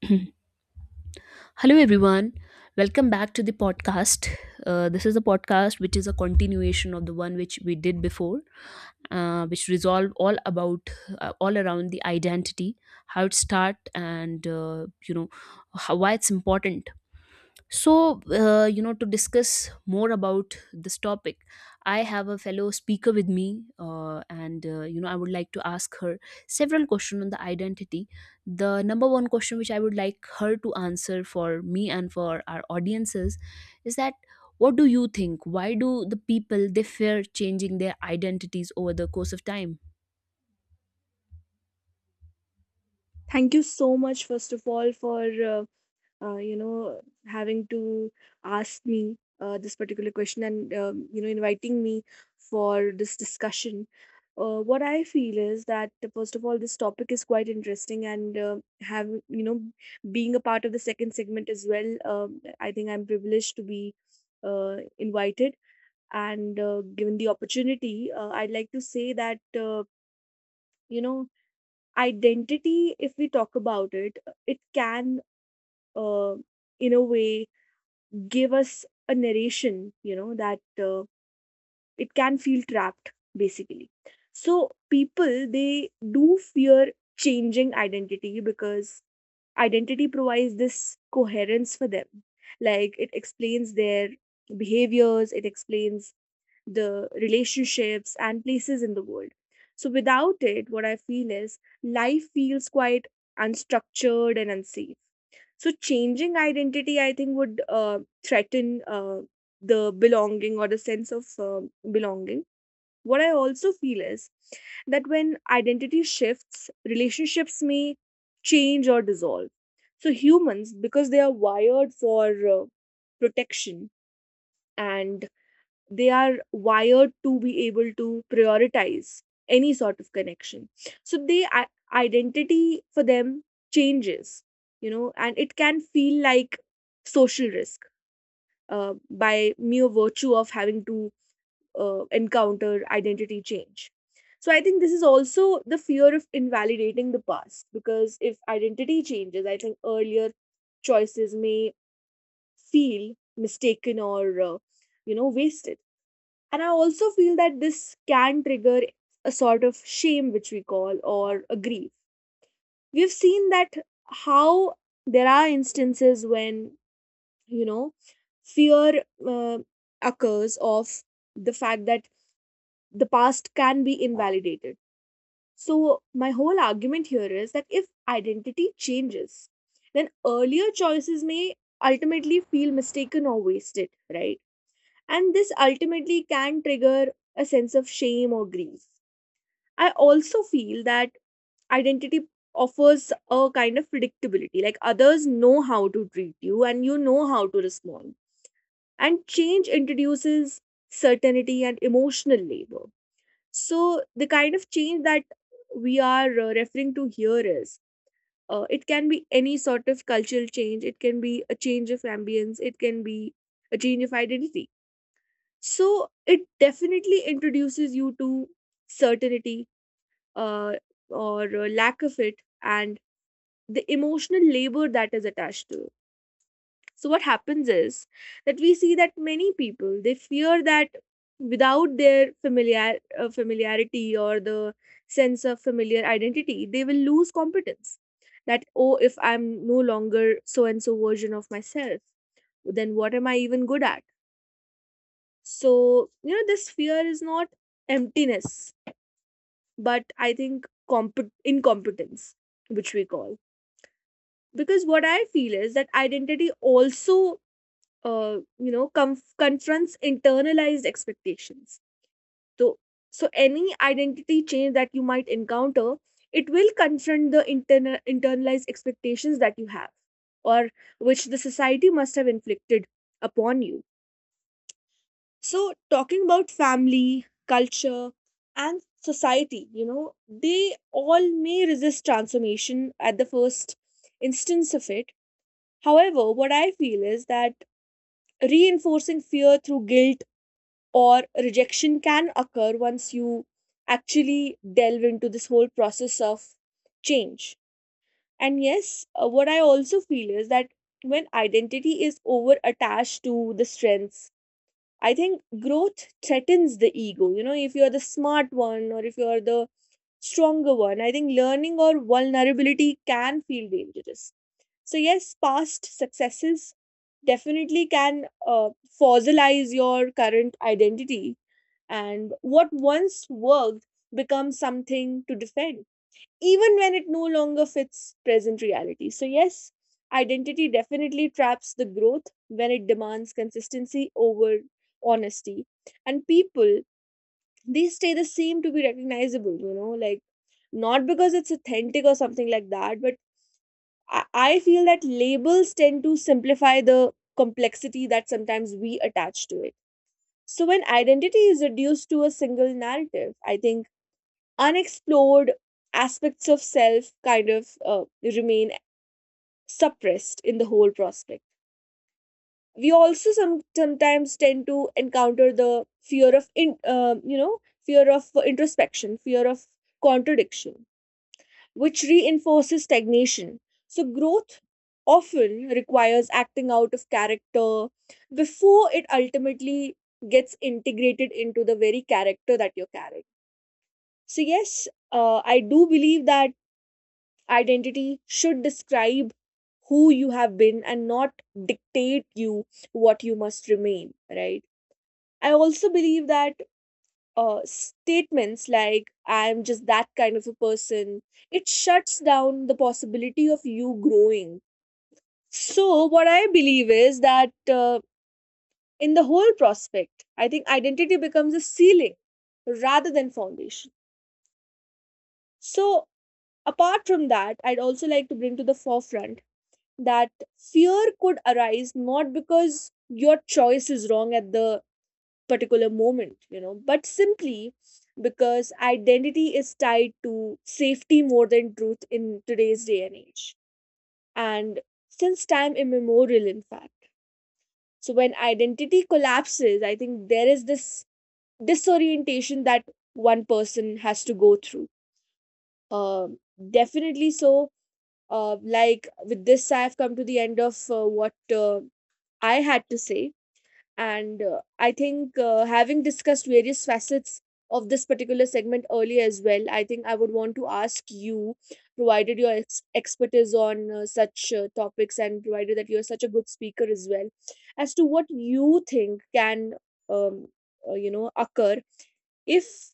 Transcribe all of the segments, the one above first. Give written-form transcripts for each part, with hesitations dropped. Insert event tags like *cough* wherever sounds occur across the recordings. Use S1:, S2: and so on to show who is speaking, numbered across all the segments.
S1: *clears throat* Hello, everyone. Welcome back to the podcast. This is a podcast which is a continuation of the one which we did before, which resolve all about all around the identity, how it start, and how, why it's important. So, to discuss more about this topic, I have a fellow speaker with me, and I would like to ask her several questions on the identity. The number one question which I would like her to answer for me and for our audiences is that, what do you think? Why do the people they fear changing their identities over the course of time?
S2: Thank you so much, first of all, for uh, having to ask me this particular question, and inviting me for this discussion. What I feel is that first of all, this topic is quite interesting, and have you know being a part of the second segment as well. I think I'm privileged to be invited and given the opportunity. I'd like to say that uh, you know identity, if we talk about it, it can, uh, in a way, give us a narration, that it can feel trapped, basically. So people, they do fear changing identity because identity provides this coherence for them. Like, it explains their behaviors, it explains the relationships and places in the world. So without it, what I feel is life feels quite unstructured and unsafe. So changing identity, I think, would threaten the belonging or the sense of belonging. What I also feel is that when identity shifts, relationships may change or dissolve. So humans, because they are wired for protection and they are wired to be able to prioritize any sort of connection, so identity for them changes, and it can feel like social risk, by mere virtue of having to encounter identity change. So I think this is also the fear of invalidating the past, because if identity changes, I think earlier choices may feel mistaken or wasted. And I also feel that this can trigger a sort of shame, which we call, or a grief. We've seen that how there are instances when you know fear uh, occurs of the fact that the past can be invalidated. So my whole argument here is that if identity changes, then earlier choices may ultimately feel mistaken or wasted, right? And this ultimately can trigger a sense of shame or grief. I also feel that identity offers a kind of predictability. Like, others know how to treat you and you know how to respond. And change introduces certainty and emotional labor. So the kind of change that we are referring to here is, it can be any sort of cultural change, it can be a change of ambience, it can be a change of identity. So it definitely introduces you to certainty, uh, or lack of it, and the emotional labor that is attached to it. So what happens is that we see that many people, they fear that without their familiar familiarity or the sense of familiar identity, they will lose competence. That, oh, if I'm no longer so and so version of myself, then what am I even good at? So, this fear is not emptiness, but I think incompetence, which we call. Because what I feel is that identity also, confronts internalized expectations. So so any identity change that you might encounter, it will confront the internalized expectations that you have, or which the society must have inflicted upon you. So, talking about family, culture, and society, they all may resist transformation at the first instance of it. However, what I feel is that reinforcing fear through guilt or rejection can occur once you actually delve into this whole process of change. And yes, what I also feel is that when identity is over attached to the strengths, I think growth threatens the ego. You know, if you're the smart one or if you're the stronger one, I think learning or vulnerability can feel dangerous. So yes, past successes definitely can fossilize your current identity, and what once worked becomes something to defend, even when it no longer fits present reality. So yes, identity definitely traps the growth when it demands consistency over honesty. And people, they stay the same to be recognizable, you know, like, not because it's authentic or something like that, but I feel that labels tend to simplify the complexity that sometimes we attach to it. So when identity is reduced to a single narrative, I think unexplored aspects of self kind of remain suppressed in the whole prospect. We also sometimes tend to encounter the fear of in, you know fear of introspection, fear of contradiction, which reinforces stagnation. So growth often requires acting out of character before it ultimately gets integrated into the very character that you're carrying. So yes, I do believe that identity should describe who you have been and not dictate you what you must remain, right? I also believe that statements like, I'm just that kind of a person, it shuts down the possibility of you growing. So what I believe is that, in the whole prospect, I think identity becomes a ceiling rather than foundation. So apart from that, I'd also like to bring to the forefront that fear could arise not because your choice is wrong at the particular moment, you know, but simply because identity is tied to safety more than truth in today's day and age. And since time immemorial, in fact. So when identity collapses, I think there is this disorientation that one person has to go through. Um, Definitely so. Like, with this, I've come to the end of what I had to say, and I think, having discussed various facets of this particular segment earlier as well, I think I would want to ask you, provided your expertise on such topics, and provided that you're such a good speaker as well, as to what you think can um, occur if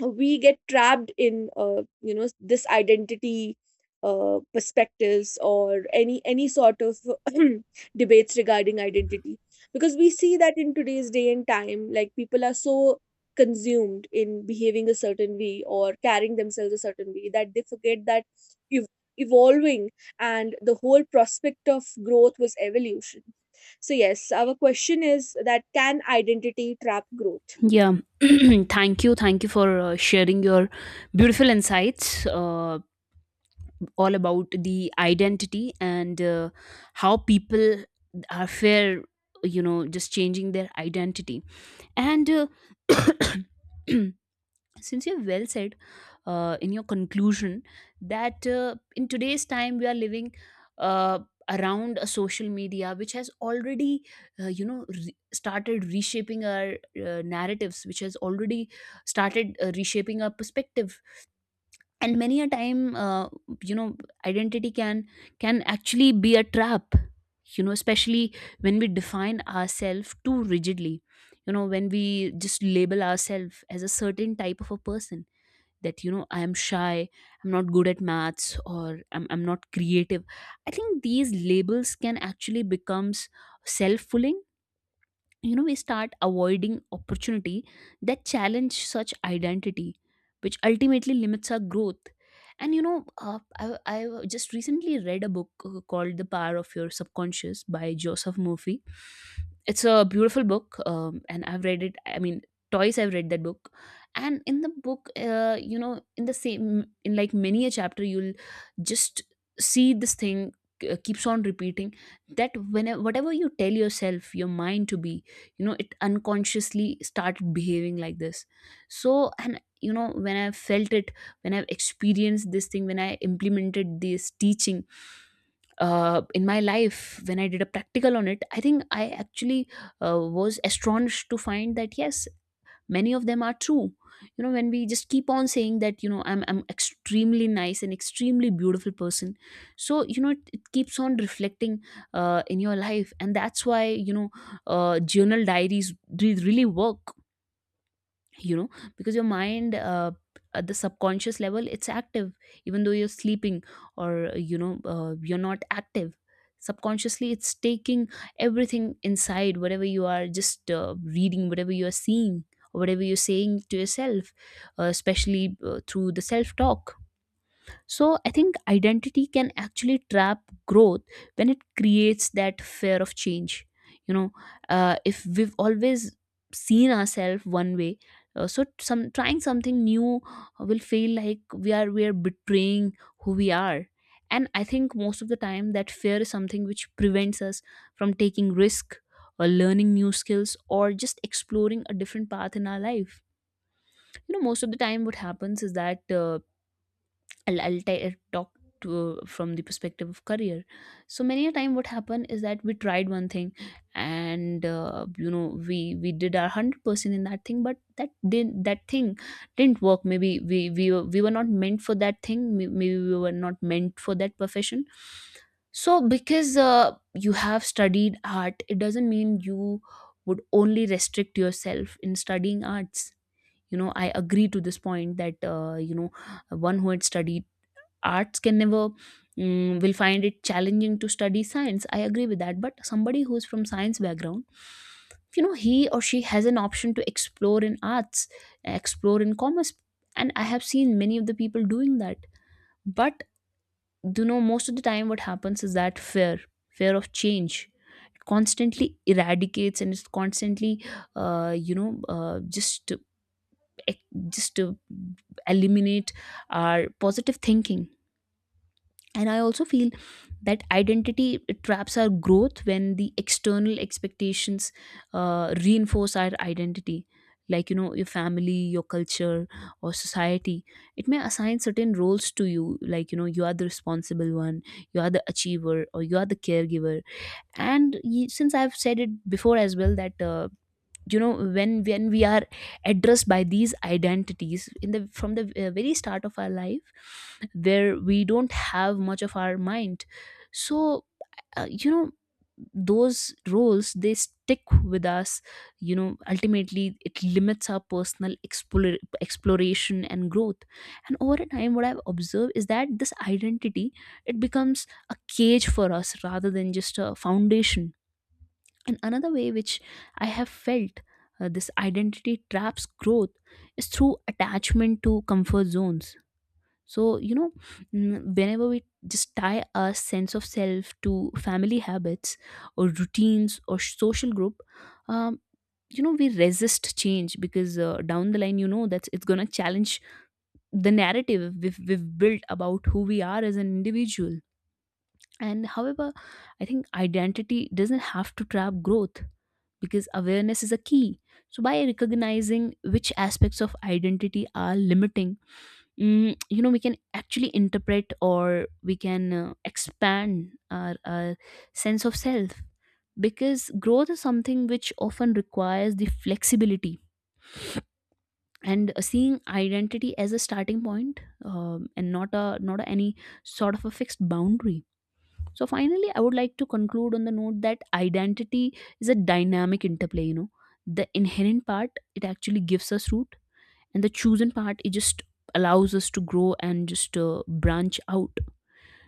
S2: we get trapped in this identity perspectives or any sort of *clears throat* debates regarding identity. Because we see that in today's day and time, like, people are so consumed in behaving a certain way or carrying themselves a certain way that they forget that ev- evolving and the whole prospect of growth was evolution. So yes, our question is that, can identity trap growth?
S1: Yeah, *clears throat* thank you. Thank you for sharing your beautiful insights all about the identity and how people are fair, just changing their identity. And *clears throat* *coughs* since you have well said in your conclusion that in today's time we are living uh, around a social media which has already started reshaping our narratives, which has already started reshaping our perspective. And many a time, you know identity can actually be a trap, especially when we define ourselves too rigidly, when we just label ourselves as a certain type of a person, that, I am shy, I'm not good at maths, or I'm not creative. I think these labels can actually becomes self-fulfilling. You know, we start avoiding opportunity that challenge such identity, which ultimately limits our growth. And I just recently read a book called The Power of Your Subconscious by Joseph Murphy. It's a beautiful book. And I've read it, I mean, twice. I've read that book. And in the book, in the same in like many a chapter, you'll just see this thing keeps on repeating, that whenever, whatever you tell yourself your mind to be, you know, it unconsciously started behaving like this. So and you know when I felt it, when I've experienced this thing, when I implemented this teaching in my life, when I did a practical on it, I think I actually was astonished to find that, yes, many of them are true. You know, when we just keep on saying that, I'm extremely nice and extremely beautiful person, so, you know, it keeps on reflecting in your life. And that's why, journal diaries really work. you know because your mind, at the subconscious level, it's active, even though you're sleeping, or you're not active. Subconsciously, it's taking everything inside, whatever you are just reading, whatever you are seeing, or whatever you're saying to yourself, especially through the self talk. So I think identity can actually trap growth when it creates that fear of change. You know, if we've always seen ourselves one way, so some trying something new will feel like we are betraying who we are. And I think most of the time that fear is something which prevents us from taking risk, or learning new skills, or just exploring a different path in our life. You know, most of the time what happens is that, I'll talk to from the perspective of career. So many a time, what happened is that we tried one thing, and we did our 100% in that thing, but that thing didn't work. Maybe we were not meant for that thing. Maybe we were not meant for that profession. So because you have studied art, it doesn't mean you would only restrict yourself in studying arts. You know, I agree to this point that, one who had studied arts can never, will find it challenging to study science. I agree with that. But somebody who's from science background, you know, he or she has an option to explore in arts, explore in commerce, and I have seen many of the people doing that. But, you know, most of the time what happens is that fear of change constantly eradicates, and it's constantly just eh, just to eliminate our positive thinking. And I also feel that identity traps our growth when the external expectations reinforce our identity. Like, you know, your family, your culture, or society, it may assign certain roles to you, like, you know, you are the responsible one, you are the achiever, or you are the caregiver. And since I've said it before as well that, you know when we are addressed by these identities, in the from the very start of our life, where we don't have much of our mind, so, uh, you know those roles, they stick with us. You know, ultimately it limits our personal exploration and growth. And over a time, what I've observed is that this identity, it becomes a cage for us rather than just a foundation. And another way which I have felt this identity traps growth is through attachment to comfort zones. So, you know, whenever we just tie our sense of self to family habits, or routines, or social group, um, you know, we resist change because, down the line, you know, that it's going to challenge the narrative we've built about who we are as an individual. And however, I think identity doesn't have to trap growth, because awareness is a key. So, by recognizing which aspects of identity are limiting, you know, we can actually interpret, or we can expand our sense of self, because growth is something which often requires the flexibility, and seeing identity as a starting point, and not any sort of a fixed boundary. So finally, I would like to conclude on the note that identity is a dynamic interplay, you know. The inherent part, it actually gives us root, and the chosen part, it just allows us to grow and just branch out.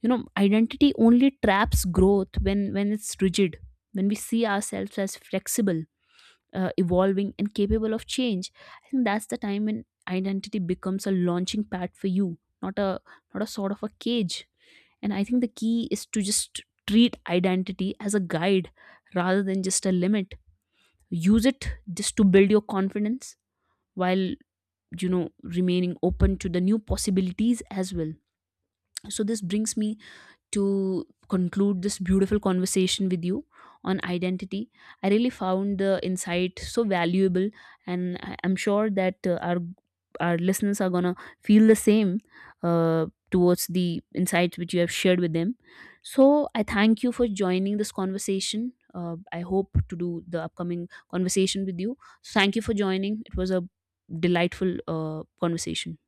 S1: You know, identity only traps growth when it's rigid. When we see ourselves as flexible, evolving, and capable of change, I think that's the time when identity becomes a launching pad for you, not a sort of a cage. And I think the key is to just treat identity as a guide rather than just a limit. Use it just to build your confidence while, you know, remaining open to the new possibilities as well. So this brings me to conclude this beautiful conversation with you on identity. I really found the insight so valuable, and I'm sure that our listeners are gonna feel the same uh, towards the insights which you have shared with them. So I thank you for joining this conversation. I hope to do the upcoming conversation with you. So thank you for joining. It was a delightful conversation.